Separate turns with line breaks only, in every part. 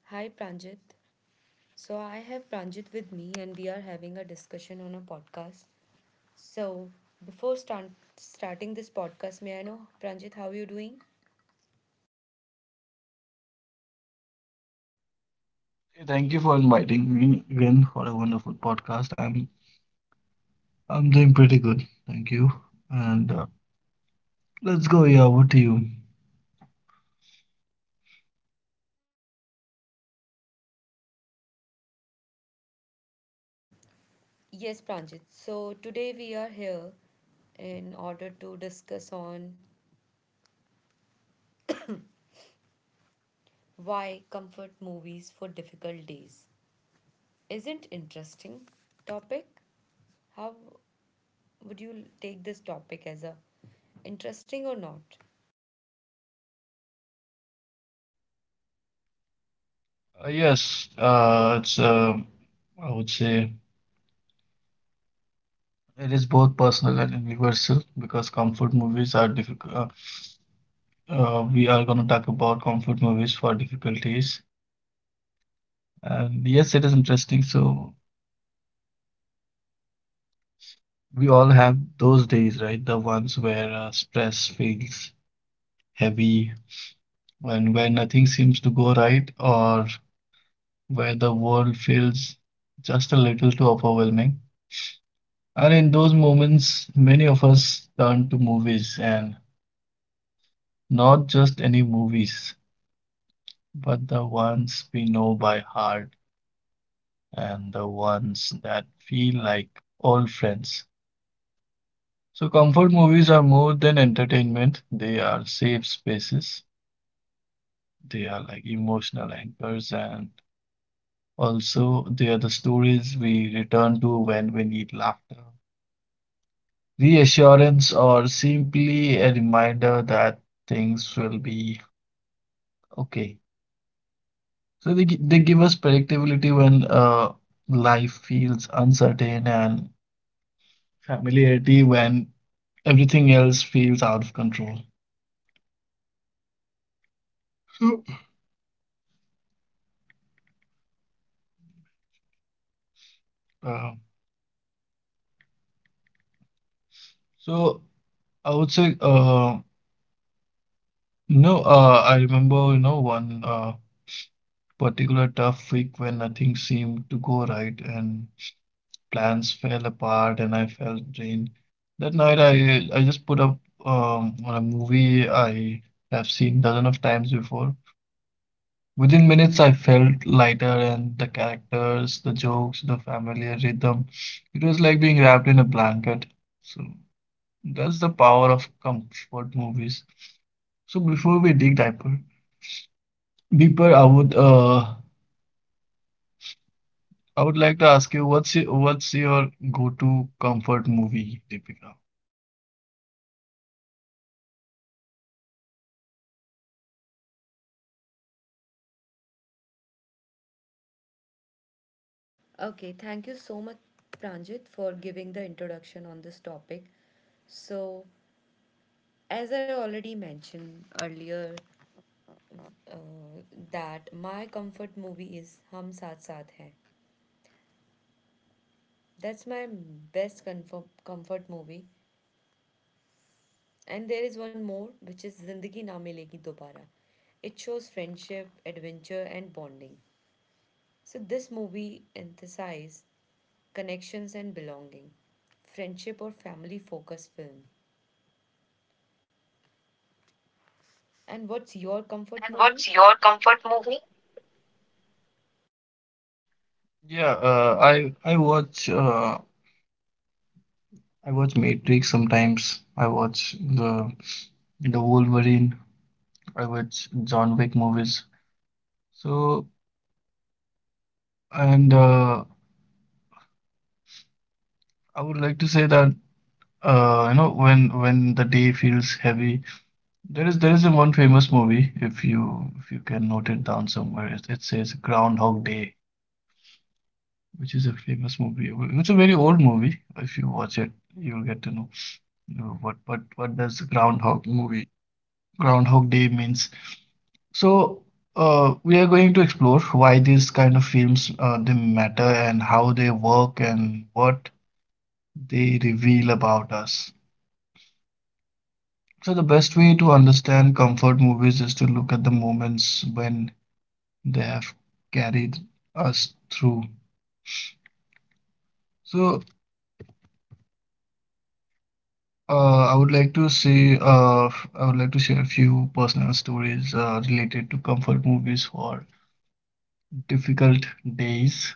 Hi, Pranjit. So, I have Pranjit with me, and we are having a discussion on a podcast. So, before start, Starting this podcast, may I know, Pranjit, how are you doing?
Hey, thank you for inviting me again for a wonderful podcast. I'm doing pretty good, thank you. And Let's go, yeah. What to you?
Yes, Pranjit. So, today we are here in order to discuss on why comfort movies for difficult days. Isn't interesting topic? How would you take this topic as a interesting or not?
Yes, it's I would say it is both personal and universal because comfort movies are difficult. We are gonna talk about comfort movies for difficulties, and yes, it is interesting. So we all have those days, right? The ones where stress feels heavy and where nothing seems to go right, or where the world feels just a little too overwhelming. And in those moments, many of us turn to movies, and not just any movies, but the ones we know by heart and the ones that feel like old friends. So, comfort movies are more than entertainment. They are safe spaces, they are like emotional anchors, and also they are the stories we return to when we need laughter, reassurance, or simply a reminder that things will be okay. So they give us predictability when life feels uncertain, and familiarity when everything else feels out of control. So, uh, so I would say, no, I remember, you know, one particular tough week when nothing seemed to go right, and plans fell apart and I felt drained. That night I just put up on a movie I have seen dozen of times before. Within minutes I felt lighter, and the characters, the jokes, the familiar rhythm. It was like being wrapped in a blanket. So that's the power of comfort movies. So before we dig deeper, I would like to ask you, what's your go-to comfort movie, Deepika?
Okay, thank you so much, Pranjit, for giving the introduction on this topic. So, as I already mentioned earlier, uh, that my comfort movie is Hum Saath Saath Hai. That's my best comfort movie. And there is one more, which is Zindagi Na Milegi Dobara. It shows friendship, adventure, and bonding. So, this movie emphasizes connections and belonging, friendship or family focused film. And what's your comfort movie?
Yeah, I watch Matrix sometimes. I watch the Wolverine. I watch John Wick movies. So and I would like to say that you know, when the day feels heavy, there is a one famous movie, if you can note it down somewhere. It says Groundhog Day, which is a famous movie. It's a very old movie. If you watch it, you'll get to know what does Groundhog Day means. So, we are going to explore why these kind of films they matter, and how they work, and what they reveal about us. So, the best way to understand comfort movies is to look at the moments when they have carried us through. So, I would like to say, I would like to share a few personal stories related to comfort movies for difficult days.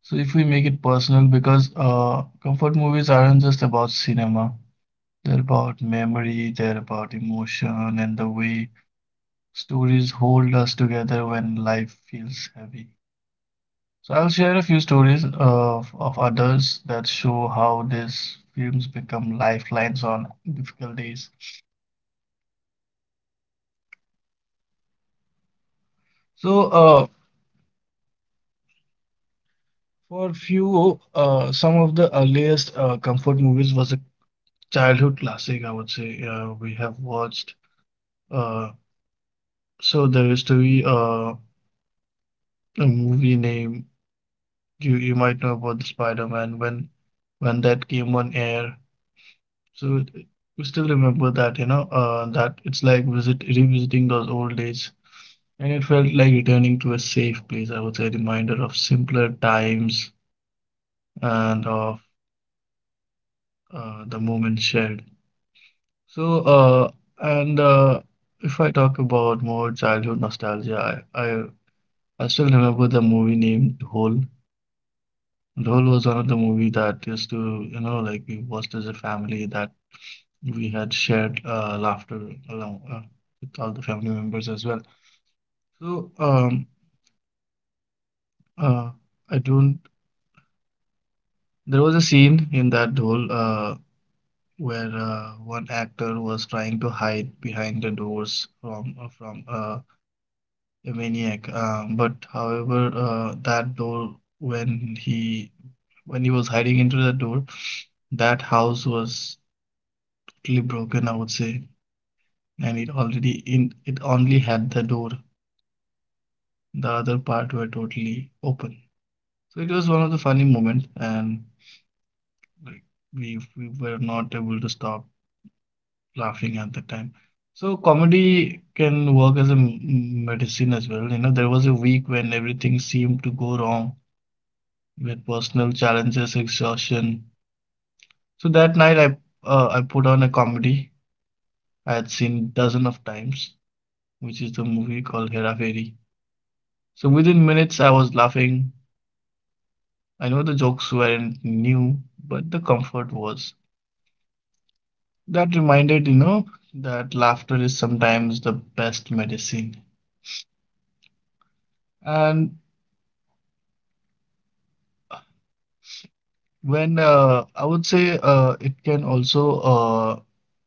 So if we make it personal, because comfort movies aren't just about cinema. They're about memory, they're about emotion, and the way stories hold us together when life feels heavy. So I'll share a few stories of others that show how these films become lifelines on difficult days. So some of the earliest comfort movies was a childhood classic, I would say. We have watched uh, so there used to be a movie name, you might know about the Spider-Man when that came on air. So it- we still remember that, you know, that it's like visit revisiting those old days, and it felt like returning to a safe place. I would say, a reminder of simpler times and of the moments shared. So and if I talk about more childhood nostalgia, I still remember the movie named Hole. Dhol was another movie that used to, you know, like, we watched as a family, that we had shared laughter along with all the family members as well. So, uh, I don't. There was a scene in that Dhol where one actor was trying to hide behind the doors from a maniac. But however, that Dhol, when he when he was hiding into the door, that house was totally broken, I would say, and it already in it only had the door, the other part were totally open. So it was one of the funny moments, and like, we were not able to stop laughing at the time. So comedy can work as a medicine as well. You know, there was a week when everything seemed to go wrong, with personal challenges, exhaustion. So that night I put on a comedy I had seen dozen of times, which is the movie called Hera Fairy. So within minutes, I was laughing. I know the jokes weren't new, but the comfort was. That reminded, you know, that laughter is sometimes the best medicine. And when I would say it can also,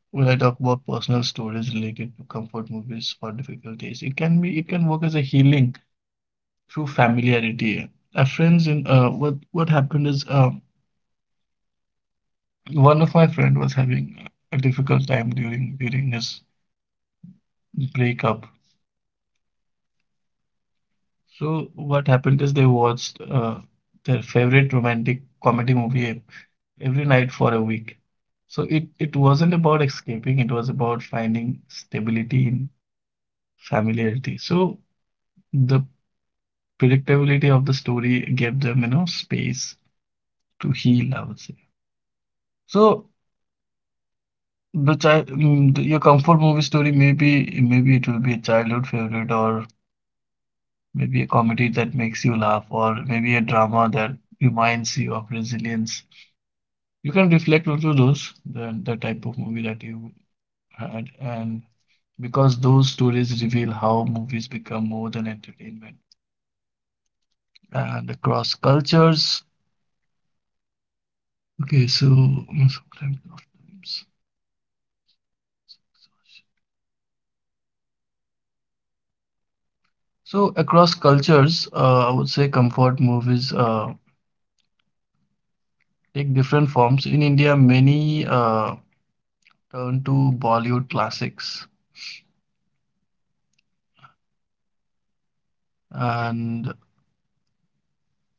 when I talk about personal stories related to comfort movies for difficult days, it can work as a healing through familiarity. A friends in what happened is one of my friend was having a difficult time during his breakup. So what happened is, they watched their favorite romantic comedy movie every night for a week. So it wasn't about escaping, it was about finding stability in familiarity. So the predictability of the story gave them, you know, space to heal, I would say. So the child, mm, the- your comfort movie story, maybe maybe it will be a childhood favorite, or maybe a comedy that makes you laugh, or maybe a drama that reminds you of resilience. You can reflect also those, the type of movie that you had. And because those stories reveal how movies become more than entertainment and across cultures. Okay so mm, sometimes sometimes so across cultures, I would say comfort movies take different forms. In India, many turn to Bollywood classics, and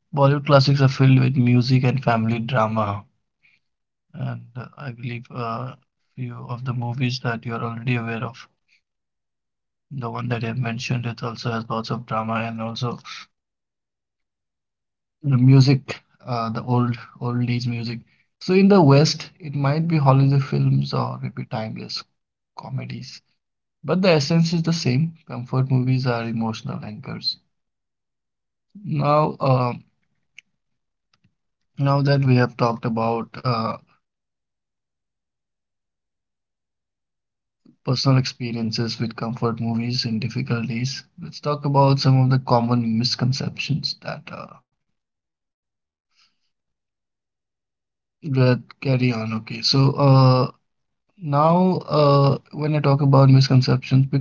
Bollywood classics are filled with music and family drama. And I believe a few of the movies that you're already aware of. The one that you have mentioned, it also has lots of drama and also the music, the oldies music. So in the West, it might be holiday films, or it be timeless comedies, but the essence is the same. Comfort movies are emotional anchors. Now, uh, Now that we have talked about personal experiences with comfort movies and difficulties, let's talk about some of the common misconceptions that that carry on. Okay, so now when I talk about misconceptions, because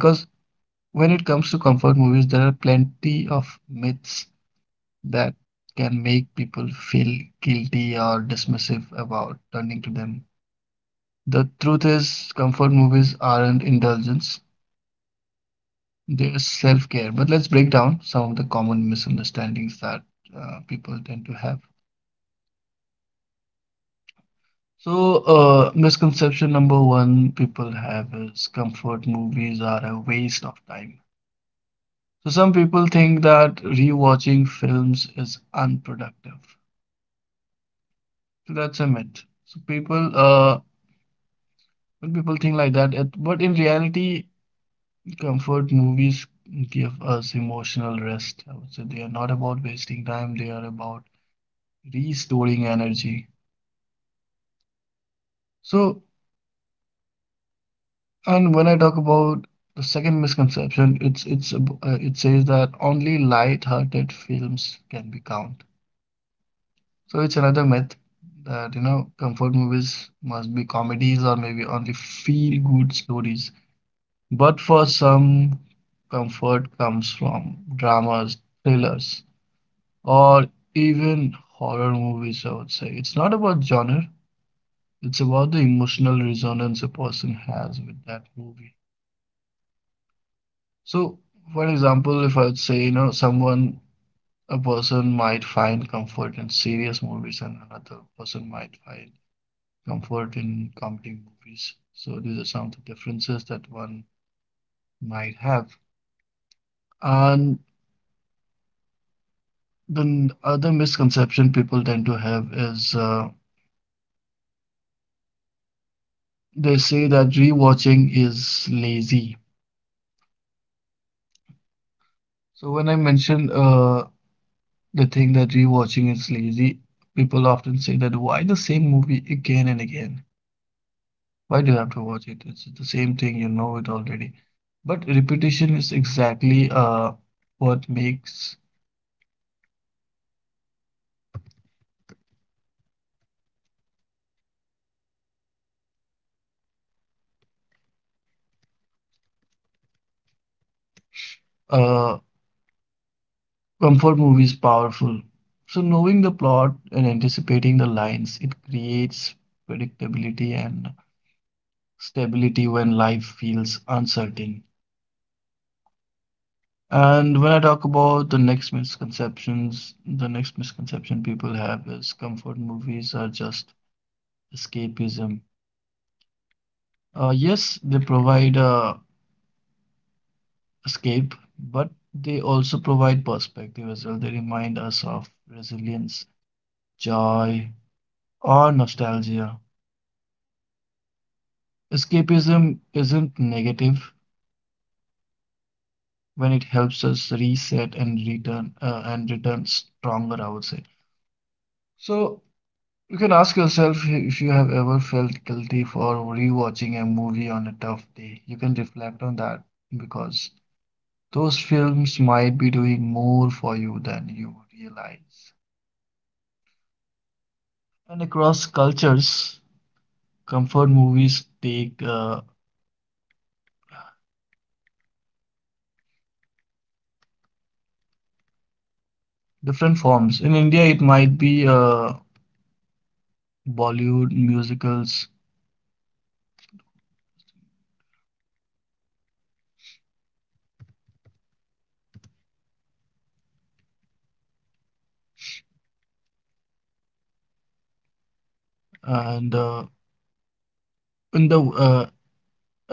when it comes to comfort movies, there are plenty of myths that can make people feel guilty or dismissive about turning to them. The truth is, comfort movies aren't indulgence. There's self-care. But let's break down some of the common misunderstandings that people tend to have. So, misconception number one people have is, comfort movies are a waste of time. So, some people think that rewatching films is unproductive. So, that's a myth. So, when people think like that, but in reality, comfort movies give us emotional rest. I would say they are not about wasting time, they are about restoring energy. So, and when I talk about the second misconception, it says that only light-hearted films can be count. So it's another myth, that you know, comfort movies must be comedies, or maybe only feel-good stories. But for some, comfort comes from dramas, thrillers, or even horror movies. I would say it's not about genre; it's about the emotional resonance a person has with that movie. So, for example, if I would say, you know, someone, a person might find comfort in serious movies, and another person might find comfort in comedy movies. So, these are some of the differences that one might have. And the other misconception people tend to have is, they say that rewatching is lazy. So, when I mention the thing that rewatching is lazy, people often say that, why the same movie again and again? Why do you have to watch it? It's the same thing, you know it already. But repetition is exactly what makes uh, comfort movies powerful. So, knowing the plot and anticipating the lines, it creates predictability and stability when life feels uncertain. And when I talk about the next misconceptions, the next misconception people have is, comfort movies are just escapism. Yes, they provide a escape, but they also provide perspective as well. They remind us of resilience, joy, or nostalgia. Escapism isn't negative when it helps us reset and return stronger, I would say. So you can ask yourself, if you have ever felt guilty for rewatching a movie on a tough day, you can reflect on that, because those films might be doing more for you than you realize. And across cultures, comfort movies take different forms. In India, it might be Bollywood musicals, and in the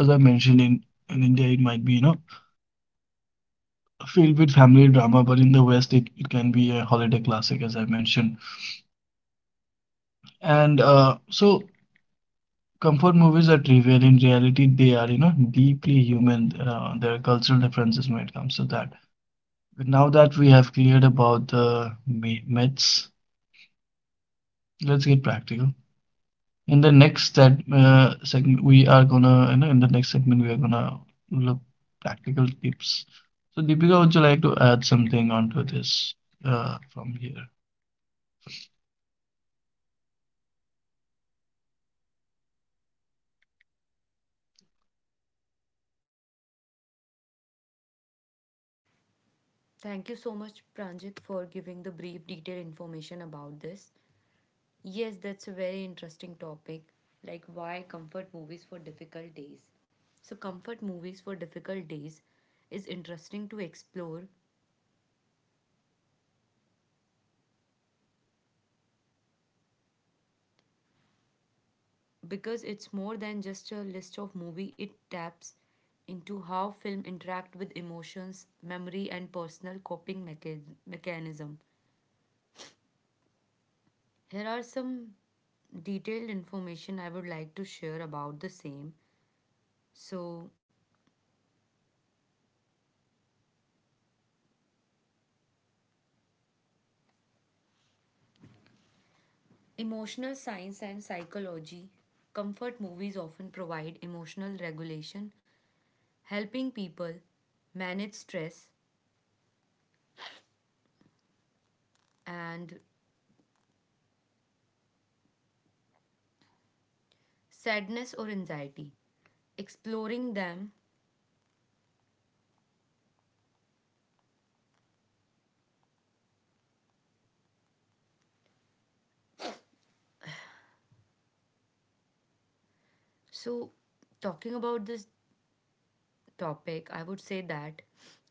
as I mentioned in India, it might be filled with family drama. But in the West, it can be a holiday classic, as I mentioned. And so comfort movies are trivial. In reality, they are deeply human. There are cultural differences when it comes to that. But now that we have cleared about the myths, let's get practical. In the next seg segment we are gonna you know, in the next segment we are gonna look practical tips. So Deepika, would you like to add something onto this from here
Thank you so much, Pranjit, for giving the brief, detailed information about this. Yes, that's a very interesting topic, like why comfort movies for difficult days. So, comfort movies for difficult days is interesting to explore because it's more than just a list of movie. It taps into how film interact with emotions, memory, and personal coping mechanism. Here are some detailed information I would like to share about the same. So, emotional science and psychology. Comfort movies often provide emotional regulation, helping people manage stress and sadness or anxiety. Exploring them. So, talking about this topic, I would say that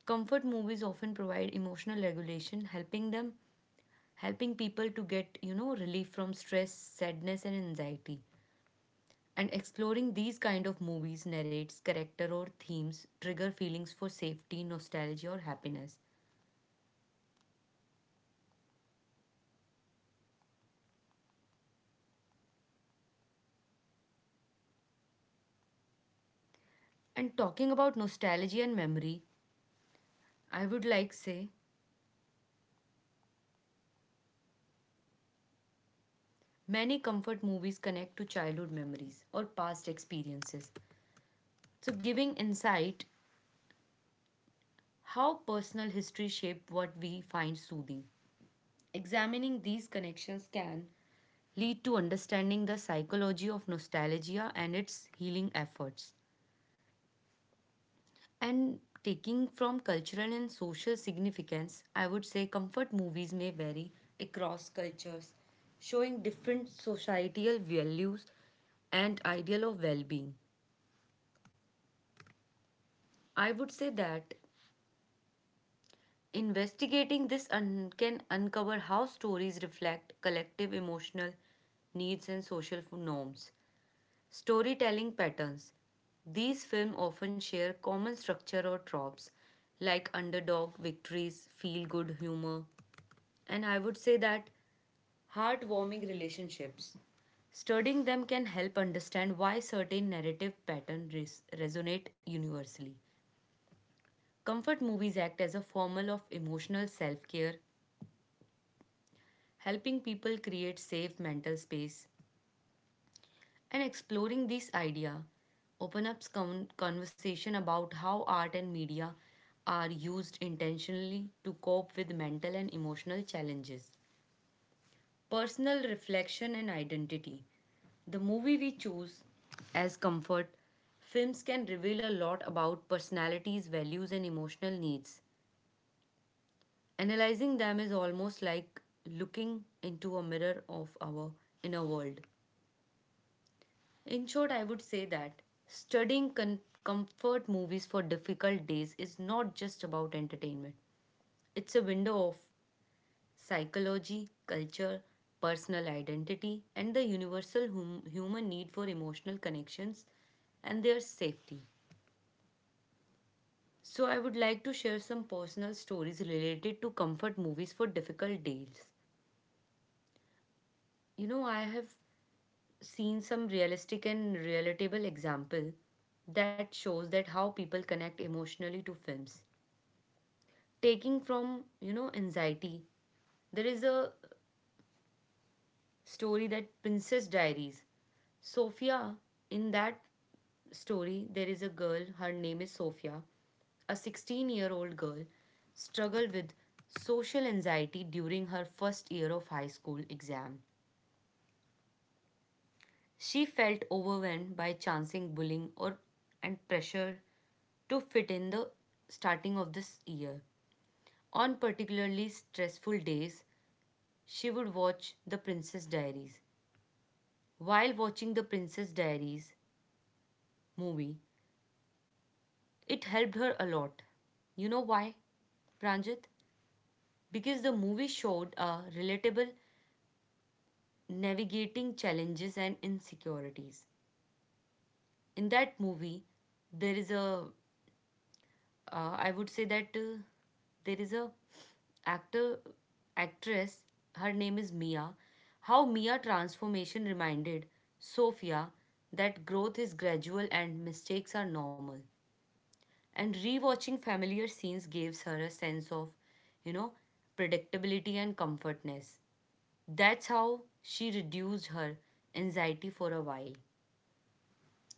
comfort movies often provide emotional regulation, helping people to get, you know, relief from stress, sadness and anxiety. And exploring these kind of movies narrates character or themes trigger feelings for safety, nostalgia or happiness. And talking about nostalgia and memory, I would like say many comfort movies connect to childhood memories or past experiences. So giving insight how personal history shaped what we find soothing. Examining these connections can lead to understanding the psychology of nostalgia and its healing efforts. And taking from cultural and social significance, I would say comfort movies may vary across cultures, showing different societal values and ideal of well-being. I would say that investigating this can uncover how stories reflect collective emotional needs and norms. Storytelling patterns. These films often share common structure or tropes like underdog victories, feel good humor, and I would say that heartwarming relationships. Studying them can help understand why certain narrative patterns resonate universally. Comfort movies act as a form of emotional self care, helping people create safe mental space. And exploring this idea open up conversation about how art and media are used intentionally to cope with mental and emotional challenges. Personal reflection and identity. The movie we choose as comfort, films can reveal a lot about personalities, values, and emotional needs. Analyzing them is almost like looking into a mirror of our inner world. In short, I would say that studying comfort movies for difficult days is not just about entertainment, it's a window of psychology, culture, personal identity, and the universal human need for emotional connections and their safety. So, I would like to share some personal stories related to comfort movies for difficult days. You know, I have seen some realistic and relatable example that shows that how people connect emotionally to films taking from, you know, anxiety. There is a story that Princess Diaries, Sophia. In that story there is a girl, her name is Sophia, a 16-year-old girl, struggled with social anxiety during her first year of high school exam. She felt overwhelmed by chancing bullying or and pressure to fit in the starting of this year. On particularly stressful days, she would watch The Princess Diaries. While watching The Princess Diaries movie, it helped her a lot. You know why, Pranjit? Because the movie showed a relatable navigating challenges and insecurities. In that movie, there is a I would say that there is a actor actress. Her name is Mia. How Mia transformation reminded Sophia that growth is gradual and mistakes are normal. And rewatching familiar scenes gives her a sense of, you know, predictability and comfortness. That's how she reduced her anxiety for a while.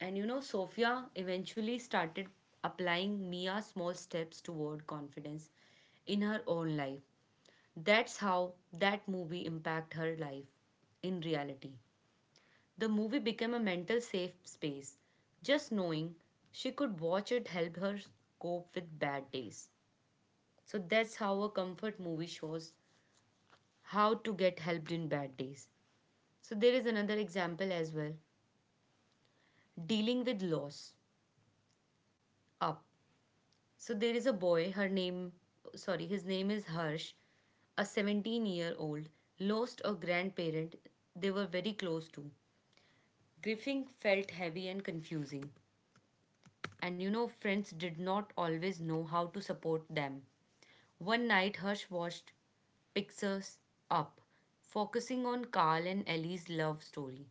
And you know, Sophia eventually started applying Mia's small steps toward confidence in her own life. That's how that movie impacted her life in reality. The movie became a mental safe space. Just knowing she could watch it helped her cope with bad days. So that's how a comfort movie shows how to get helped in bad days. So there is another example as well, dealing with loss. Up. So there is a boy, his name is Harsh, a 17-year-old, lost a grandparent they were very close to. Grieving felt heavy and confusing, and you know, friends did not always know how to support them. One night, Harsh watched Pixars Up, focusing on Carl and Ellie's love story.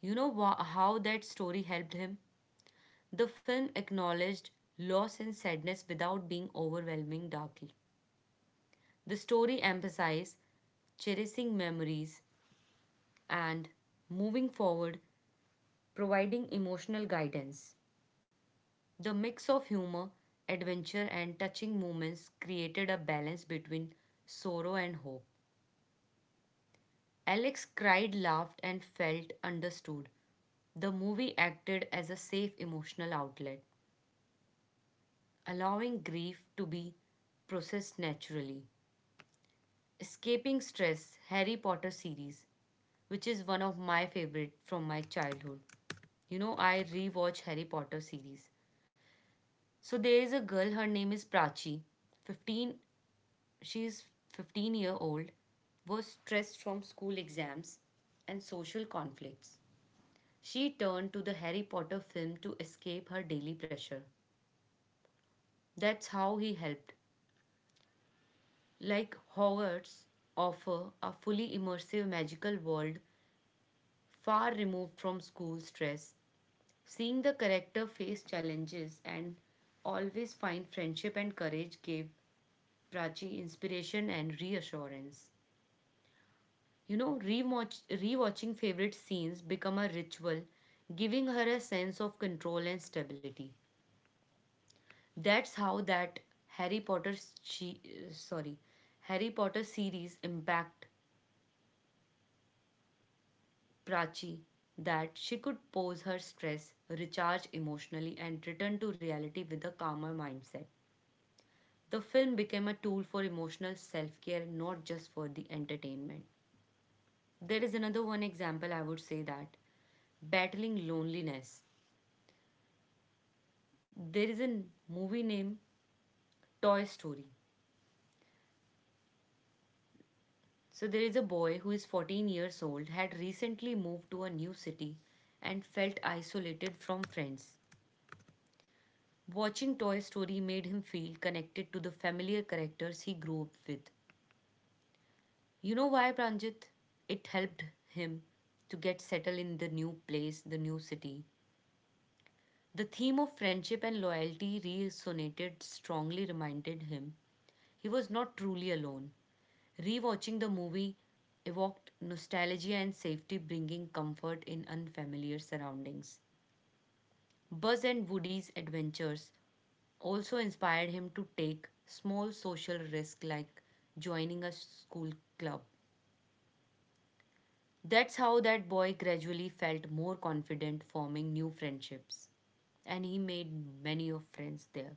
You know how that story helped him? The film acknowledged loss and sadness without being overwhelming darkly. The story emphasizes cherishing memories and moving forward, providing emotional guidance. The mix of humor, adventure, and touching moments created a balance between sorrow and hope. Alex cried, laughed, and felt understood. The movie acted as a safe emotional outlet, allowing grief to be processed naturally. Escaping Stress Harry Potter series, which is one of my favorite from my childhood. You know, I rewatch Harry Potter series. So there is a girl, her name is Prachi. 15, she is 15-year-old, was stressed from school exams and social conflicts. She turned to the Harry Potter film to escape her daily pressure. That's how he helped. Like Hogwarts offer a fully immersive magical world far removed from school stress. Seeing the character face challenges and always find friendship and courage gave Prachi inspiration and reassurance. You know, rewatching favorite scenes become a ritual, giving her a sense of control and stability. That's how that Harry Potter she uh, sorry, Harry Potter series impact Prachi, that she could pose her stress, recharge emotionally and return to reality with a calmer mindset. The film became a tool for emotional self care, not just for the entertainment. There is another one example I would say that, battling loneliness. There is a movie named Toy Story. So there is a boy who is 14 years old, had recently moved to a new city and felt isolated from friends. Watching Toy Story made him feel connected to the familiar characters he grew up with. You know why, Pranjit? It helped him to get settled in the new place, the new city. The theme of friendship and loyalty resonated strongly, reminded him he was not truly alone. Rewatching the movie evoked nostalgia and safety, bringing comfort in unfamiliar surroundings. Buzz and Woody's adventures also inspired him to take small social risks like joining a school club. That's how that boy gradually felt more confident forming new friendships, and he made many of friends there.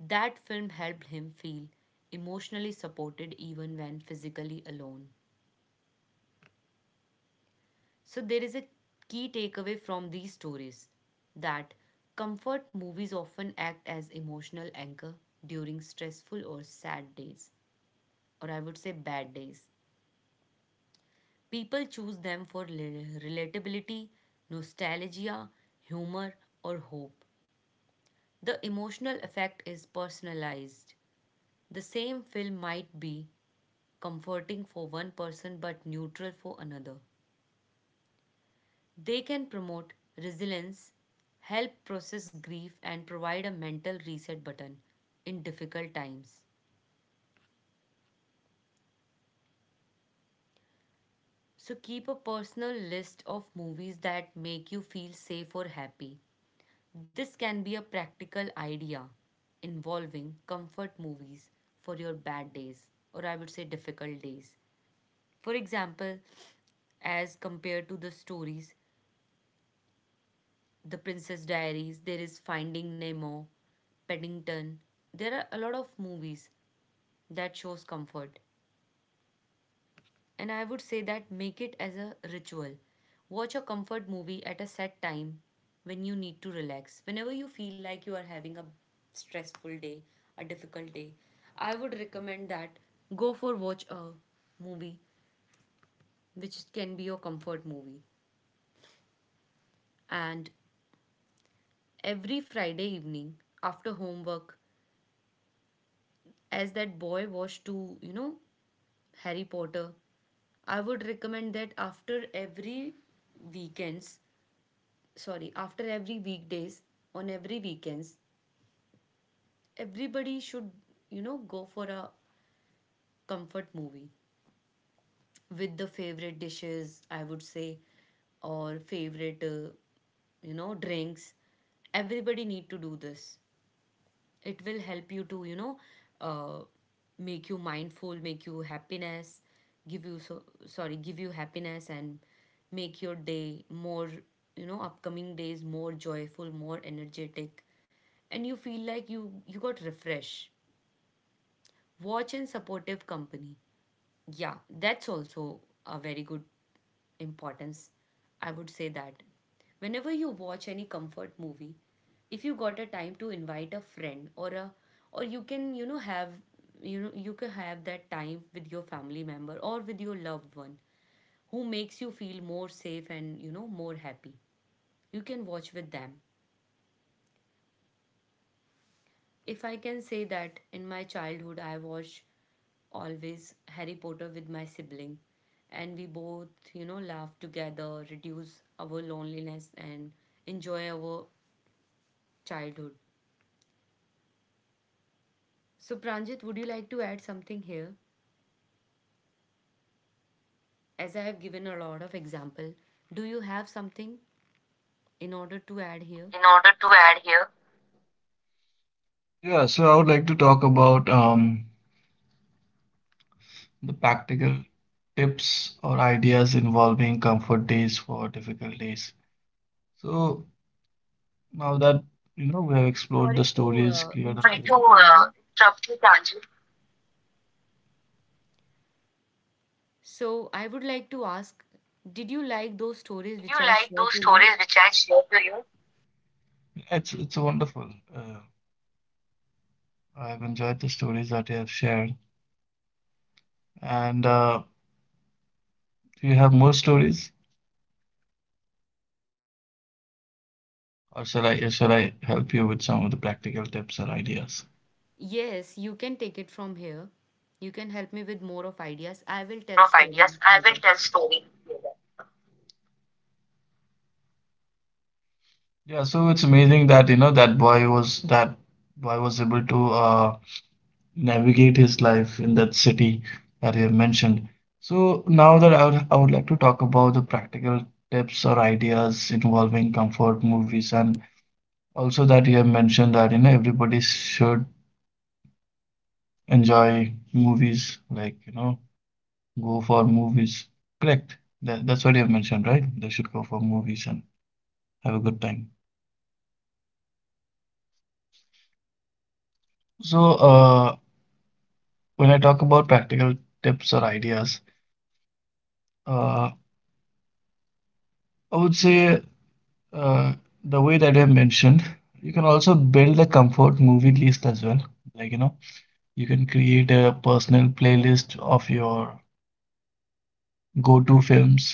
That film helped him feel emotionally supported even when physically alone. So, there is a key takeaway from these stories that comfort movies often act as emotional anchor during stressful or sad days, or I would say bad days. People choose them for relatability, nostalgia, humor, or hope. The emotional effect is personalized. The same film might be comforting for one person but neutral for another. They can promote resilience, help process grief, and provide a mental reset button in difficult times. So keep a personal list of movies that make you feel safe or happy. This can be a practical idea involving comfort movies for your bad days or I would say difficult days. For example, as compared to the stories The Princess Diaries, there is Finding Nemo, Paddington. There are a lot of movies that shows comfort, and I would say that make it as a ritual. Watch a comfort movie at a set time when you need to relax. Whenever you feel like you are having a stressful day, a difficult day, I would recommend that go for watch a movie which can be your comfort movie. And every Friday evening after homework, as that boy was to, you know, Harry Potter. I would recommend that weekends, after every weekdays, on every weekends, everybody should, you know, go for a comfort movie with the favorite dishes, I would say, or favorite, you know, drinks. Everybody need to do this. It will help you to uh, make you mindful, make you happiness, give you so sorry give you happiness and make your day more, you know, upcoming days more joyful, more energetic, and you feel like you got refresh. Watch and supportive company. Yeah, that's also a very good importance. I would say that whenever you watch any comfort movie, if you got a time to invite a friend, or you can, you know, have, you can have that time with your family member or with your loved one who makes you feel more safe and, you know, more happy. You can watch with them. If I can say that in my childhood, I watched always Harry Potter with my sibling, and we both, laugh together, reduce our loneliness, and enjoy our childhood. So, Pranjit, would you like to add something here? As I have given a lot of example, do you have something in order to add here?
in order to add here? Yeah, so I would like to talk about the practical tips or ideas involving comfort days for difficult days. So now that we have explored the
Sorry to
stories, cleared up... Sorry
interrupt
to
you, Pranjit.
interrupt you, Tanju.
So, I would like to ask, did you like those stories
Did you
which I
like
shared
those
to you?
stories which I shared to you? It's wonderful. Uh, I've enjoyed the stories that you have shared. And Do you have more stories, or shall I help you with some of the practical tips or ideas?
Yes, you can take it from here. You can help me with more of ideas. I will
More
tell
of
stories
ideas. I will
later.
tell story. Yeah, so it's amazing that you know that boy was able to navigate his life in that city that you have mentioned. So now that I would like to talk about the practical tips or ideas involving comfort movies. And also, that you have mentioned that you know everybody should enjoy movies, like, you know, go for movies. Correct. That's what you have mentioned, right? They should go for movies and have a good time. So, when I talk about practical tips or ideas, uh, I would say uh, the way that I have mentioned, you can also build a comfort movie list as well. Like, you know, you can create a personal playlist of your go-to films.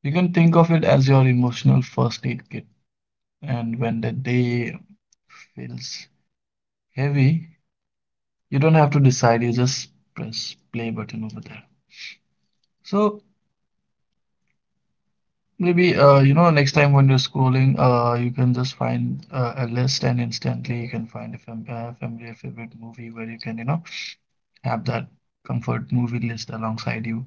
You can think of it as your emotional first aid kit. And when the day feels heavy, you don't have to decide, you just press play button over there. So maybe you know, next time when you're scrolling, you can just find a list, and instantly you can find a familiar favorite movie where you can, you know, have that comfort movie list alongside you.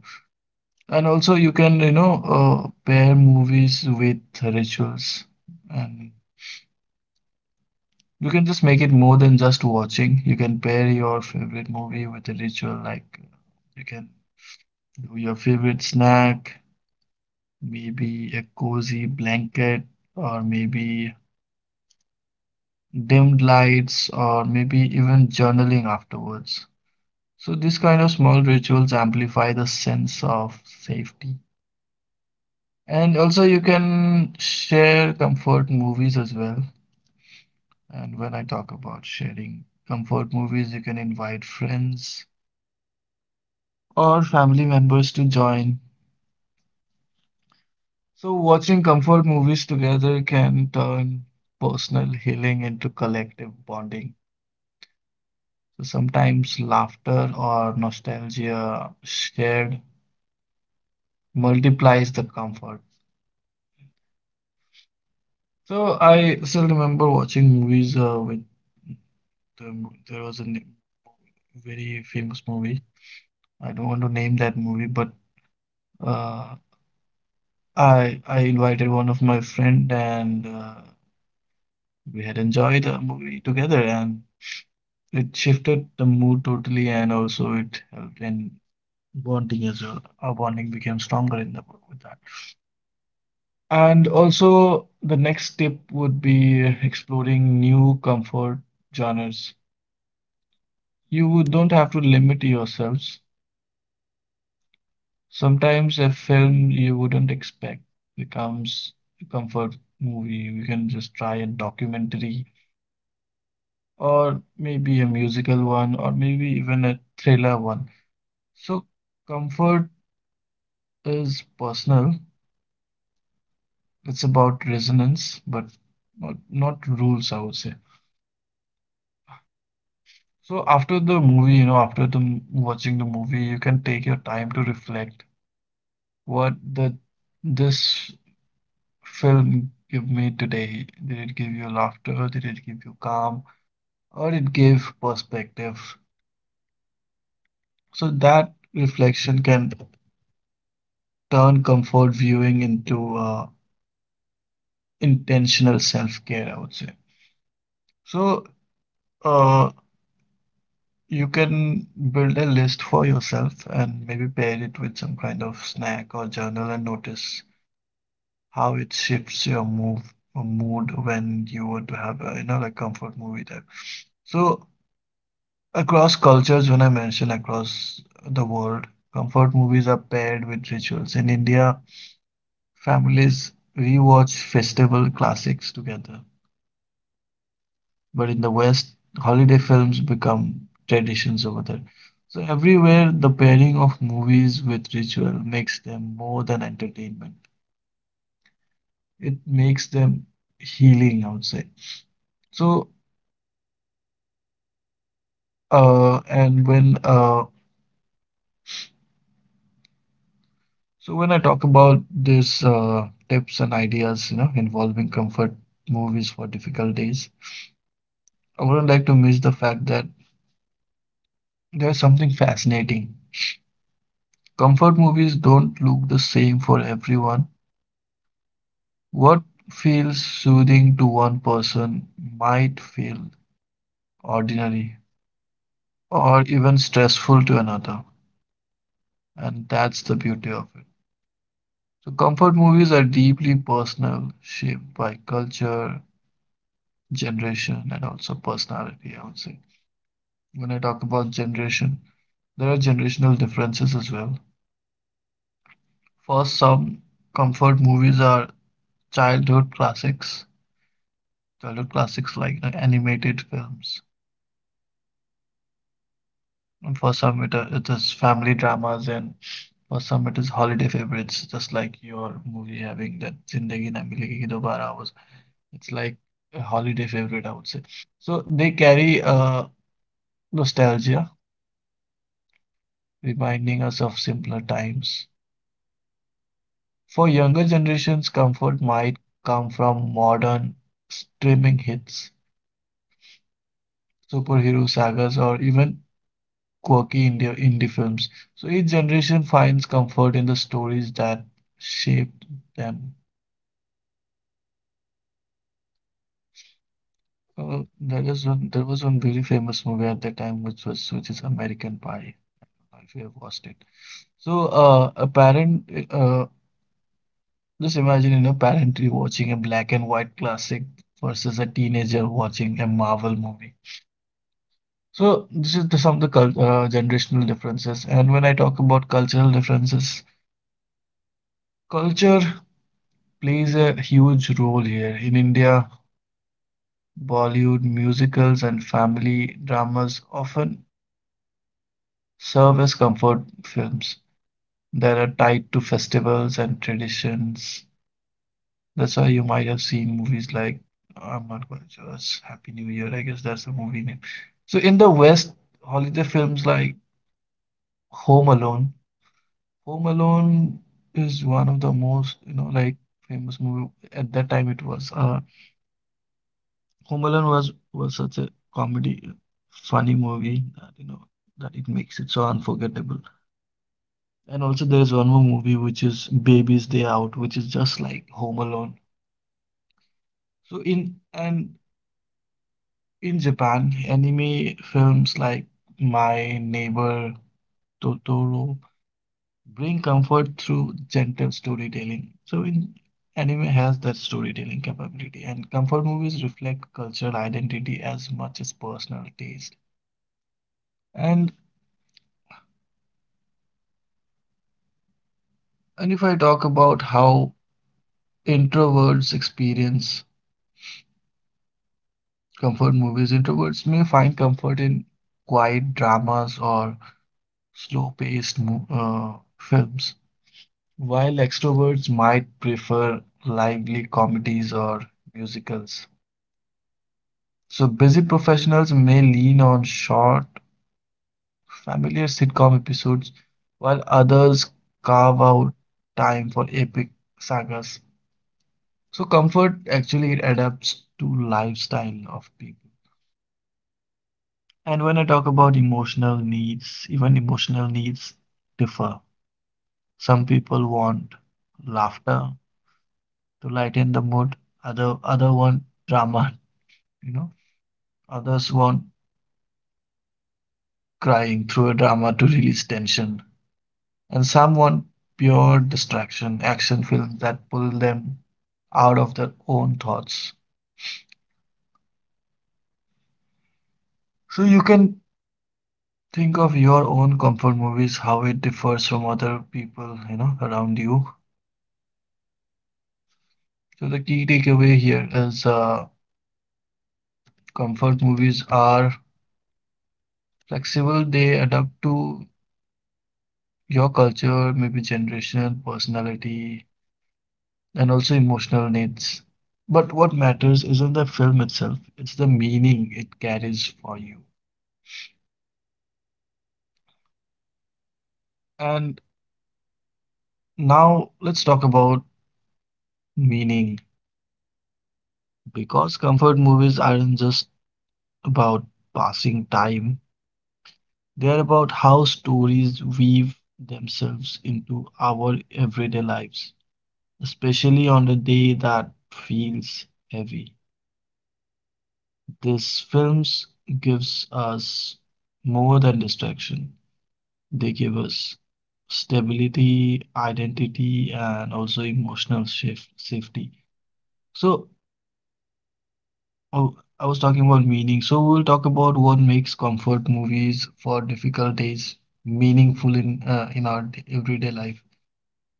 And also you can, you know, pair movies with rituals. And you can just make it more than just watching. You can pair your favorite movie with a ritual, like you can do your favorite snack, maybe a cozy blanket, or maybe dimmed lights, or maybe even journaling afterwards. So these kind of small rituals amplify the sense of safety. And also, you can share comfort movies as well. And when I talk about sharing comfort movies, you can invite friends or family members to join. So watching comfort movies together can turn personal healing into collective bonding. So sometimes laughter or nostalgia shared multiplies the comfort. So I still remember watching movies with there was a very famous movie. I don't want to name that movie, but uh, I invited one of my friend, and we had enjoyed the movie together. And it shifted the mood totally, and also it helped in bonding as well. Our bonding became stronger in the book with that. And also, the next tip would be exploring new comfort genres. You don't have to limit yourselves. Sometimes a film you wouldn't expect becomes a comfort movie. You can just try a documentary, or maybe a musical one, or maybe even a thriller one. So comfort is personal. It's about resonance, but not rules, I would say. So after the movie, you know, after the watching the movie, you can take your time to reflect. What the this film give me today? Did it give you laughter? Did it give you calm? Or it gave perspective? So that reflection can turn comfort viewing into intentional self-care, I would say. So, uh, you can build a list for yourself and maybe pair it with some kind of snack or journal and notice how it shifts your move or mood when you want to have a, you know, like comfort movie type. So across cultures, when I mention across the world, comfort movies are paired with rituals. In India, families rewatch festival classics together. But in the West, holiday films become traditions over there. So everywhere, the pairing of movies with ritual makes them more than entertainment. It makes them healing, I would say. So, and when so when I talk about this tips and ideas, you know, involving comfort movies for difficult days, I wouldn't like to miss the fact that there's something fascinating. Comfort movies don't look the same for everyone. What feels soothing to one person might feel ordinary or even stressful to another, and that's the beauty of it. So comfort movies are deeply personal, shaped by culture, generation, and also personality, I would say. When I talk about generation, there are generational differences as well. For some, comfort movies are childhood classics, childhood classics like, you know, animated films. And for some, it is family dramas. And for some, it is holiday favorites, just like your movie having that Zindagi Na Milegi Ki Dobara was. It's like a holiday favorite, I would say. So they carry nostalgia, reminding us of simpler times. For younger generations, comfort might come from modern streaming hits, superhero sagas, or even quirky India indie films. So each generation finds comfort in the stories that shaped them. There was one very famous movie at that time, which is American Pie. I don't know if you have watched it. So uh, a parent, uh, just imagine, you know, parent watching a black and white classic versus a teenager watching a Marvel movie. So this is the some of the generational differences. And when I talk about cultural differences, culture plays a huge role here. In India, Bollywood musicals and family dramas often serve as comfort films that are tied to festivals and traditions. That's why you might have seen movies like... I'm not quite sure. It's Happy New Year, I guess that's the movie name. So in the West, holiday films like Home Alone. Home Alone is one of the most, you know, like, famous movie at that time it was. Home Alone was such a comedy, funny movie that you know that it makes it so unforgettable. And also there is one more movie which is Baby's Day Out, which is just like Home Alone. So in and in Japan, anime films like My Neighbor Totoro bring comfort through gentle storytelling. So in anime has that storytelling capability, and comfort movies reflect cultural identity as much as personal taste. And and if I talk about how introverts experience comfort movies, introverts may find comfort in quiet dramas or slow-paced mo films, while extroverts might prefer lively comedies or musicals. So busy professionals may lean on short, familiar sitcom episodes, while others carve out time for epic sagas. So comfort actually it adapts to lifestyle of people. And when I talk about emotional needs, even emotional needs differ. Some people want laughter to lighten the mood, other want drama, you know, others want crying through a drama to release tension, and some want pure distraction, action films that pull them out of their own thoughts. So you can think of your own comfort movies, how it differs from other people, you know, around you. So the key takeaway here is comfort movies are flexible. They adapt to your culture, maybe generation, personality, and also emotional needs. But what matters isn't the film itself, it's the meaning it carries for you. And now let's talk about meaning, because comfort movies aren't just about passing time, they're about how stories weave themselves into our everyday lives, especially on a day that feels heavy. These films gives us more than distraction. They give us stability, identity, and also emotional shift, safety. So, oh, I was talking about meaning. So we'll talk about what makes comfort movies for difficult days meaningful in everyday life.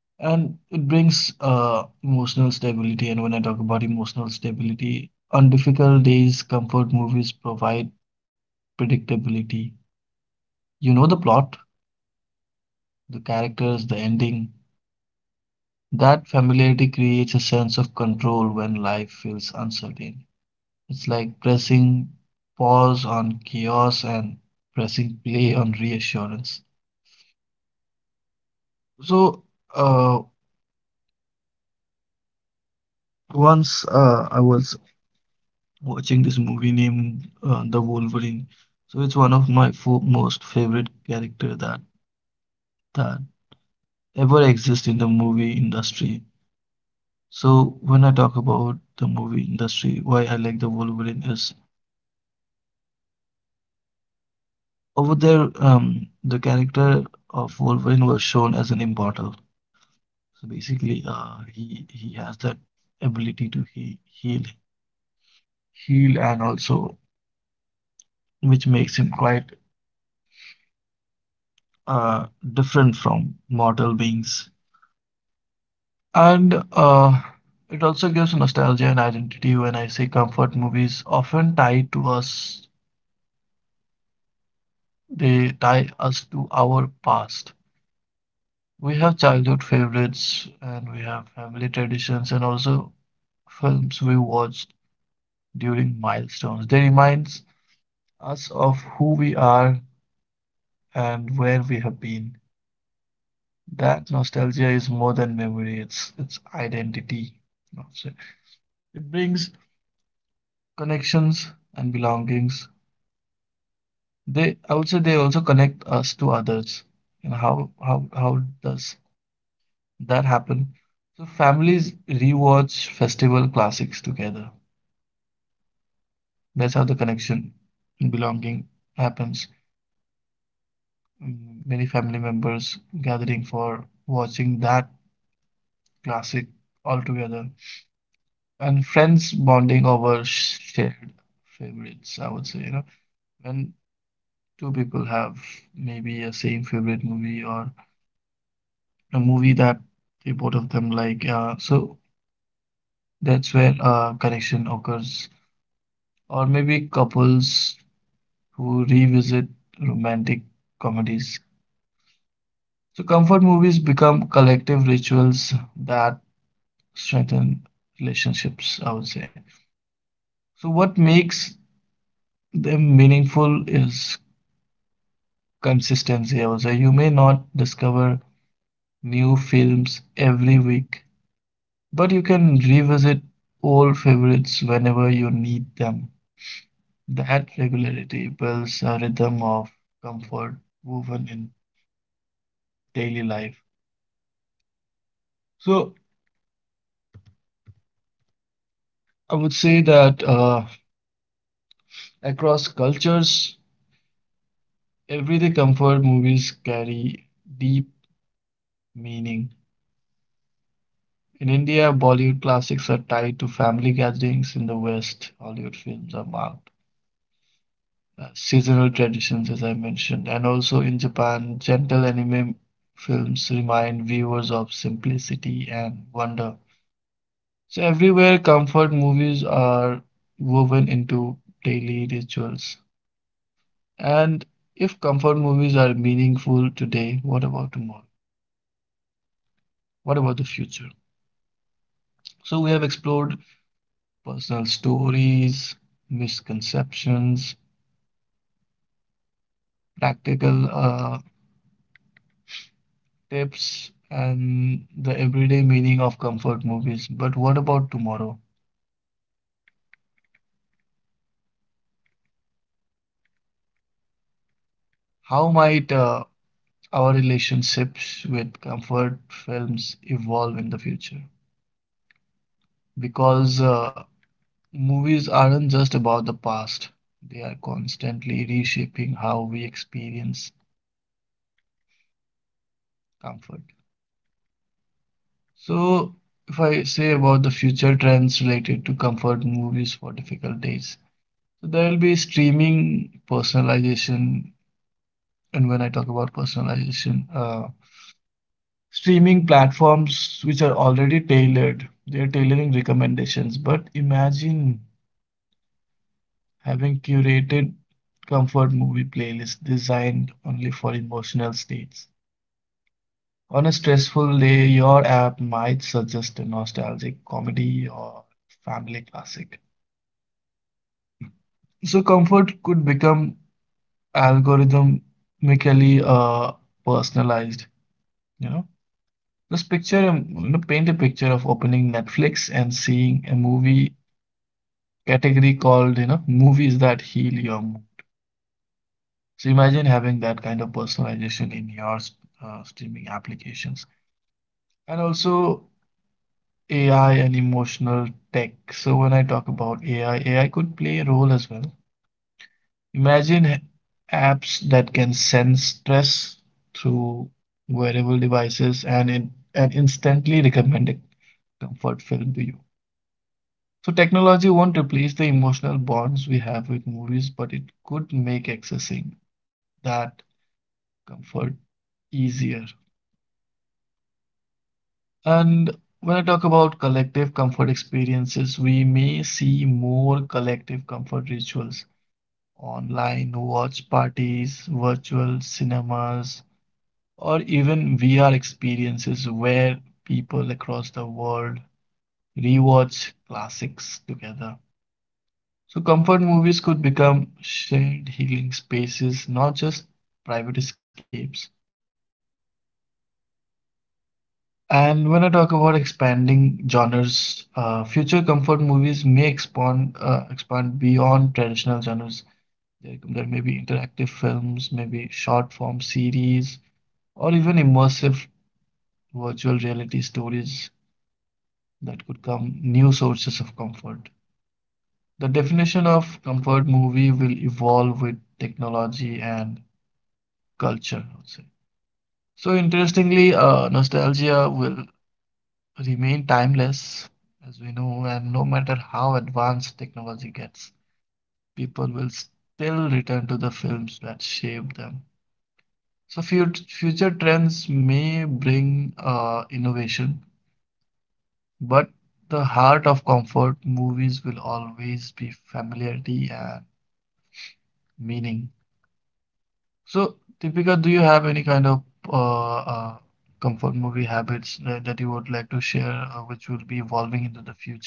And it brings emotional stability. And when I talk about emotional stability, on difficult days, comfort movies provide predictability. You know the plot, the characters, the ending. That familiarity creates a sense of control when life feels uncertain. It's like pressing pause on chaos and pressing play on reassurance. So, uh, once I was watching this movie named The Wolverine. So it's one of my fo most favorite character that that ever exist in the movie industry. So when I talk about the movie industry, why I like the Wolverine is, over there, the character of Wolverine was shown as an immortal. So basically, he has that ability to heal and also, which makes him quite uh, different from mortal beings. And it also gives nostalgia and identity. When I say comfort movies, often tie to us, they tie us to our past. We have childhood favorites and we have family traditions, and also films we watched during milestones. They reminds us of who we are and where we have been. That nostalgia is more than memory, it's identity. I It brings connections and belongings. They I would say they also connect us to others. And how does that happen? So families rewatch festival classics together. That's how the connection and belonging happens. mm, Many family members gathering for watching that classic all together, and friends bonding over shared favorites. I would say, you know, when two people have maybe a same favorite movie, or a movie that they both of them like, so that's where connection occurs, or maybe couples who revisit romantic comedies. So comfort movies become collective rituals that strengthen relationships, I would say. So, what makes them meaningful is consistency, I would say. You may not discover new films every week, but you can revisit old favorites whenever you need them. That regularity builds a rhythm of comfort woven in daily life. So, I would say that across cultures, everyday comfort movies carry deep meaning. In India, Bollywood classics are tied to family gatherings. In the West, Hollywood films are marked by seasonal traditions, as I mentioned. And also in Japan, gentle anime films remind viewers of simplicity and wonder. So, everywhere, comfort movies are woven into daily rituals. And if comfort movies are meaningful today, what about tomorrow? What about the future? So, we have explored personal stories, misconceptions, practical tips, and the everyday meaning of comfort movies. But what about tomorrow? How might our relationships with comfort films evolve in the future? Because movies aren't just about the past, they are constantly reshaping how we experience comfort. So, if I say about the future trends related to comfort movies for difficult days, so there will be streaming, personalization. And when I talk about personalization, streaming platforms which are already tailored, they're tailoring recommendations. But imagine having curated comfort movie playlists designed only for emotional states. On a stressful day, your app might suggest a nostalgic comedy or family classic. So comfort could become algorithmically uh, personalized, you know. This picture, you know, paint a picture of opening Netflix and seeing a movie category called, you know, movies that heal your mood. So imagine having that kind of personalization in your streaming applications. And also AI and emotional tech. So when I talk about AI, AI could play a role as well. Imagine apps that can sense stress through wearable devices and and instantly recommend a comfort film to you. So technology won't replace the emotional bonds we have with movies, but it could make accessing that comfort easier. And when I talk about collective comfort experiences, we may see more collective comfort rituals online, watch parties, virtual cinemas, or even VR experiences where people across the world rewatch classics together. So comfort movies could become shared healing spaces, not just private escapes. And when I talk about expanding genres, future comfort movies may expand beyond traditional genres. There may be interactive films, maybe short form series, or even immersive virtual reality stories that could come new sources of comfort. The definition of comfort movie will evolve with technology and culture, I would say. So interestingly, nostalgia will remain timeless, as we know, and no matter how advanced technology gets, people will still return to the films that shaped them. So future trends may bring innovation, but the heart of comfort movies will always be familiarity and meaning. So, Deepika, do you have any kind of uh, uh, comfort movie habits that you would like to share, which will be evolving into the future?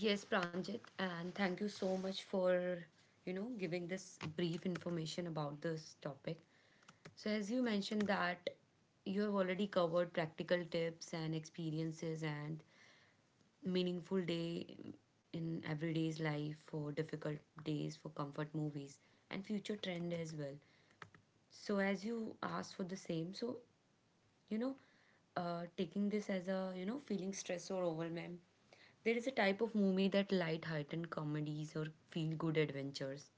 Yes, Pranjit, and thank you so much for, giving this brief information about this topic. So as you mentioned that you have already covered practical tips and experiences and meaningful day in everyday's life for difficult days for comfort movies and future trend as well. So as you asked for the same, so you know taking this as a, you know, feeling stressed or overwhelmed, there is a type of movie that light heightened comedies or feel good adventures,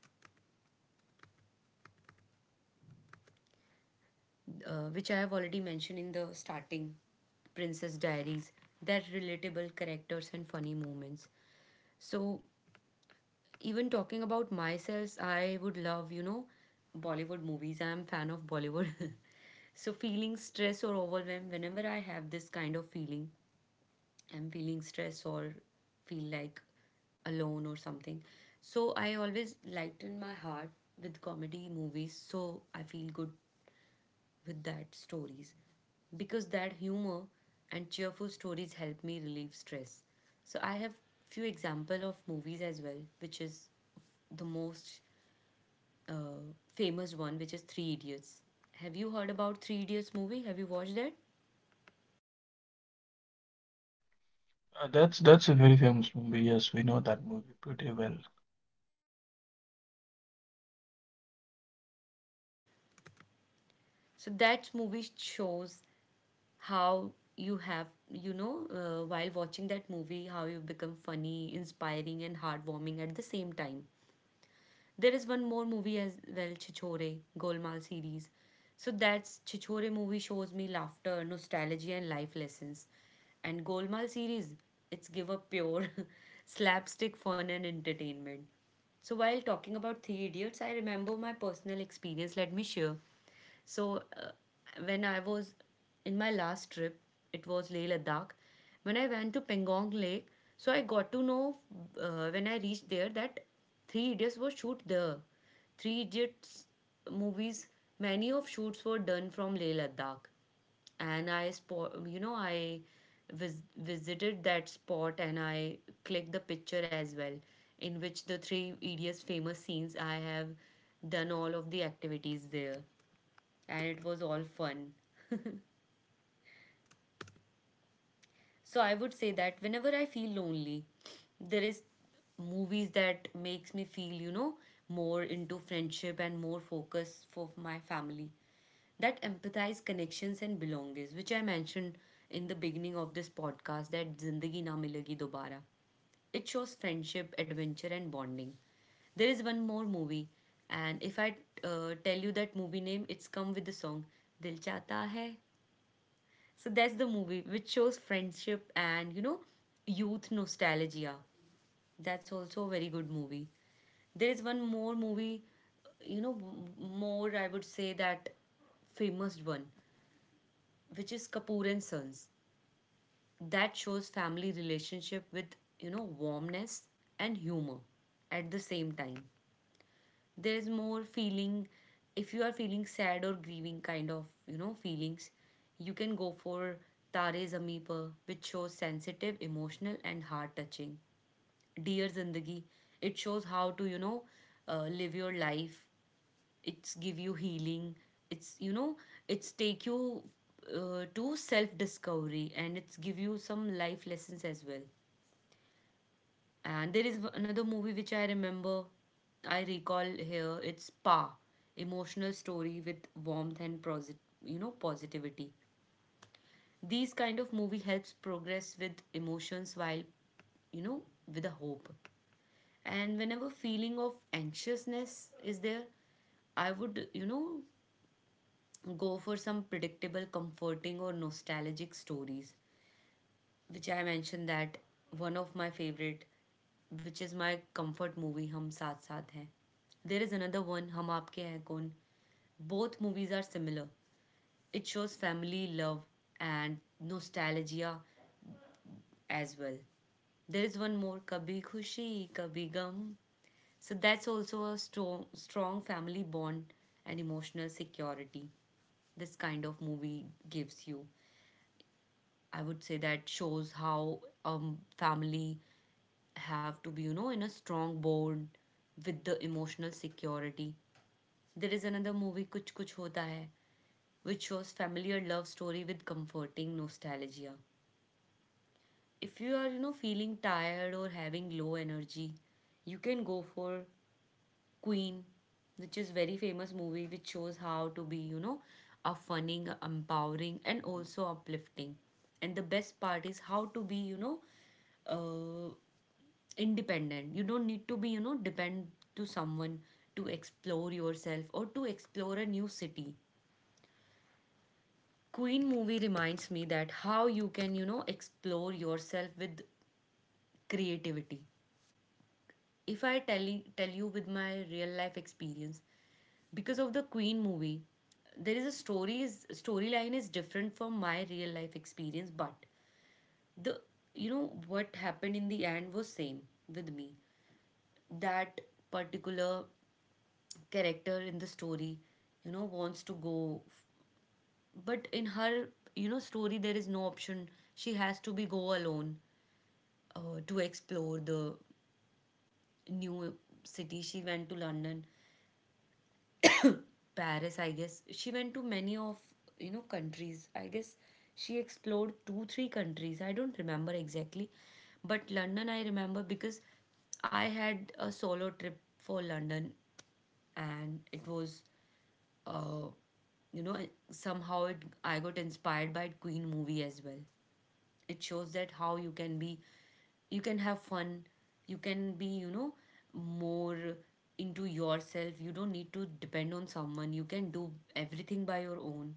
which I have already mentioned in the starting, Princess Diaries, that relatable characters and funny moments. So even talking about myself, I would love, you know, Bollywood movies. I am fan of Bollywood. So feeling stress or overwhelm, whenever I have this kind of feeling, I'm feeling stress or feel like alone or something. So I always lighten my heart with comedy movies, so I feel good with that stories because that humor and cheerful stories help me relieve stress. So I have few example of movies as well, which is the most uh, famous one, which is Three Idiots. Have you heard about Three Idiots movie? Have you watched that?
That's a very famous movie. Yes, we know that movie pretty well.
So that movie shows how you have, you know, while watching that movie, how you become funny, inspiring and heartwarming at the same time. There is one more movie as well, Chichore, Golmaal series. So that's Chichore movie shows me laughter, nostalgia and life lessons, and Golmaal series, it's give a pure slapstick fun and entertainment. So while talking about Three Idiots, I remember my personal experience. Let me share. So when I was in my last trip, it was Leh Ladakh. When I went to Pangong Lake, so I got to know, when I reached there, that Three Idiots was shoot there. Three Idiots movies, many of shoots were done from Leh Ladakh, and I spot, you know, I visited that spot, and I clicked the picture as well, in which the Three Idiots famous scenes, I have done all of the activities there, and it was all fun. So I would say that whenever I feel lonely, there is movies that makes me feel, you know, more into friendship and more focus for my family. That empathize connections and belongings, which I mentioned in the beginning of this podcast, that Zindagi Na Milegi Dobara. It shows friendship, adventure and bonding. There is one more movie, and if I tell you that movie name, it's come with the song, Dil Chata Hai. So that's the movie which shows friendship and, you know, youth nostalgia. That's also a very good movie. There is one more movie, you know, more, I would say, that famous one, which is Kapoor and Sons. That shows family relationship with, you know, warmness and humor at the same time. There's more feeling. If you are feeling sad or grieving kind of, you know, feelings, you can go for Tare Zameen Par, which shows sensitive, emotional and heart touching. Dear Zindagi, it shows how to, you know, live your life. It's give you healing. It's, you know, it's take you to self discovery, and it's give you some life lessons as well. And there is another movie which I remember, I recall here. It's Pa, emotional story with warmth and you know, positivity. These kind of movie helps progress with emotions while, you know, with a hope. And whenever feeling of anxiousness is there, I would, you know, go for some predictable, comforting or nostalgic stories, which I mentioned, that one of my favorite, which is my comfort movie, Hum Saath Saath Hai. There is another one, Hum Aapke Hai Kaun. Both movies are similar. It shows family, love, and nostalgia as well. There is one more, Kabhi Khushi, Kabhi Gum. So that's also a strong, strong family bond and emotional security. This kind of movie gives you. I would say that shows how family have to be, you know, in a strong board with the emotional security. There is another movie, Kuch Kuch Hota Hai, which shows familiar love story with comforting nostalgia. If you are, you know, feeling tired or having low energy, you can go for Queen, which is very famous movie which shows how to be, you know, a funny, empowering and also uplifting. And the best part is how to be, you know, uh, independent. You don't need to be, you know, depend to someone to explore yourself or to explore a new city. Queen movie reminds me that how you can, you know, explore yourself with creativity. If I tell you with my real life experience, because of the Queen movie, there is a storyline is different from my real life experience, but the, you know, what happened in the end was same with me. That particular character in the story, you know, wants to go, but in her, you know, story, there is no option. She has to be go alone to explore the new city. She went to London, Paris, I guess. She went to many of, you know, countries, I guess. She explored two three countries, I don't remember exactly, but London I remember, because I had a solo trip for London, and it was, uh, you know, somehow I got inspired by Queen movie as well. It shows that how you can be, you can have fun, you can be, you know, more into yourself. You don't need to depend on someone. You can do everything by your own.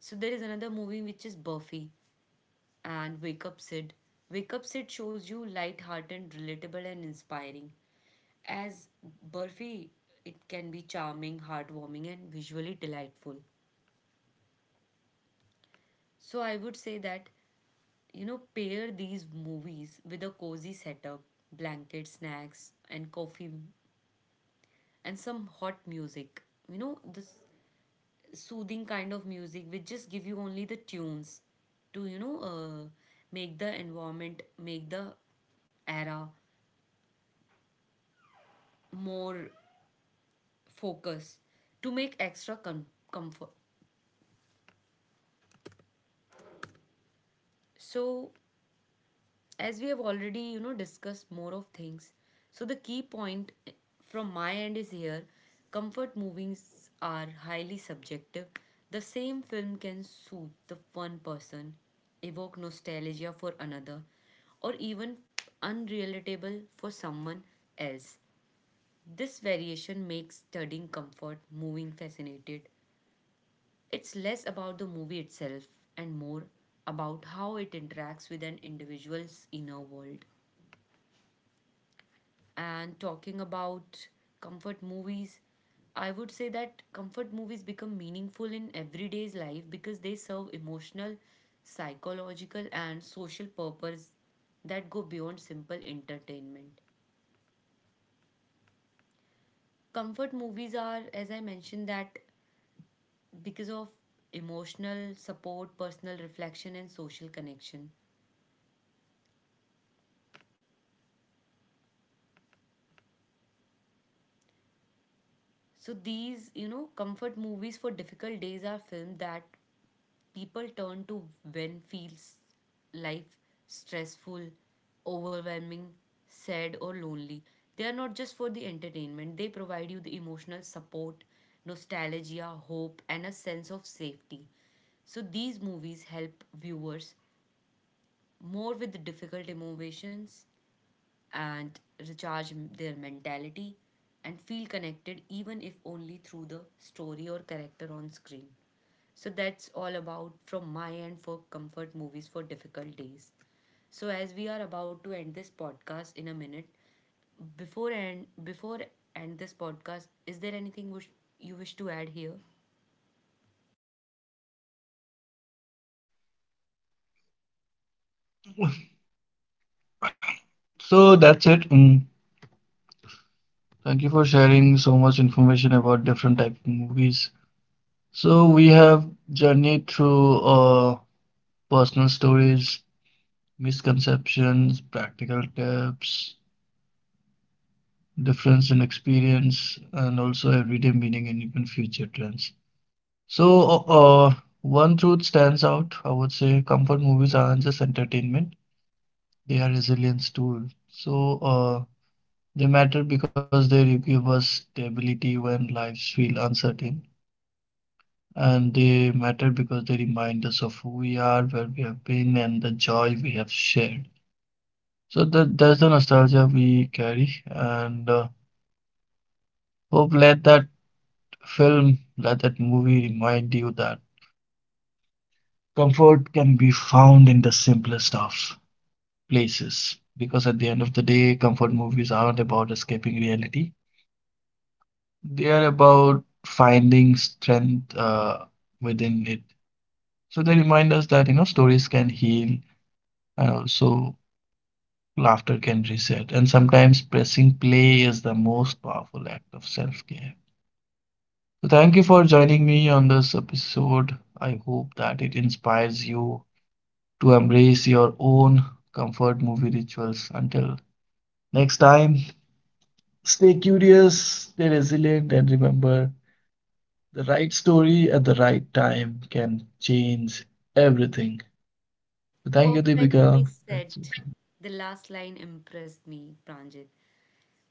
So there is another movie which is Buffy and Wake Up Sid. Wake Up Sid shows you light-hearted, relatable and inspiring. As Buffy, it can be charming, heartwarming and visually delightful. So I would say that, you know, pair these movies with a cozy setup, blanket, snacks, and coffee, and some hot music. You know, this soothing kind of music which just give you only the tunes to, you know, make the environment, make the era more focused, to make extra comfort. So as we have already, you know, discussed more of things, so the key point, eh, from my end is here, comfort movies are highly subjective. The same film can soothe the one person, evoke nostalgia for another, or even unrelatable for someone else. This variation makes studying comfort moving fascinated. It's less about the movie itself and more about how it interacts with an individual's inner world. And talking about comfort movies, I would say that comfort movies become meaningful in everyday's life because they serve emotional, psychological, and social purpose that go beyond simple entertainment. Comfort movies are, as I mentioned, that because of emotional support, personal reflection, and social connection. So, these, you know, comfort movies for difficult days are films that people turn to when feels life stressful, overwhelming, sad, or lonely. They are not just for the entertainment, they provide you the emotional support, nostalgia, hope, and a sense of safety. So these movies help viewers more with difficult emotions and recharge their mentality and feel connected, even if only through the story or character on screen. So that's all about from my end for comfort movies for difficult days. So as we are about to end this podcast in a minute, before end this podcast, is there anything wish, you wish to add here?
So that's it. Mm. Thank you for sharing so much information about different type of movies. So we have journeyed through personal stories, misconceptions, practical tips, difference in experience, and also everyday meaning and even future trends. So, uh, uh, one truth stands out. I would say comfort movies aren't just entertainment, they are resilience tools. So, they matter because they give us stability when lives feel uncertain. And they matter because they remind us of who we are, where we have been, and the joy we have shared. So that's the nostalgia we carry, and hope let that film, let that movie remind you that comfort can be found in the simplest of places. Because at the end of the day, comfort movies aren't about escaping reality. They are about finding strength within it. So they remind us that, you know, stories can heal, and also laughter can reset. And sometimes pressing play is the most powerful act of self-care. So thank you for joining me on this episode. I hope that it inspires you to embrace your own comfort movie rituals. Until next time, stay curious, stay resilient, and remember the right story at the right time can change everything. So thank you, Deepika.
Perfectly
That's it.
said. The last line impressed me, Pranjit.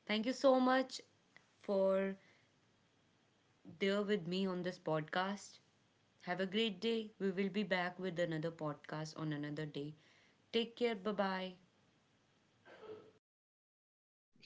Thank you so much for there with me on this podcast. Have a great day. We will be back with another podcast on another day. Take care. Bye bye.
Yeah.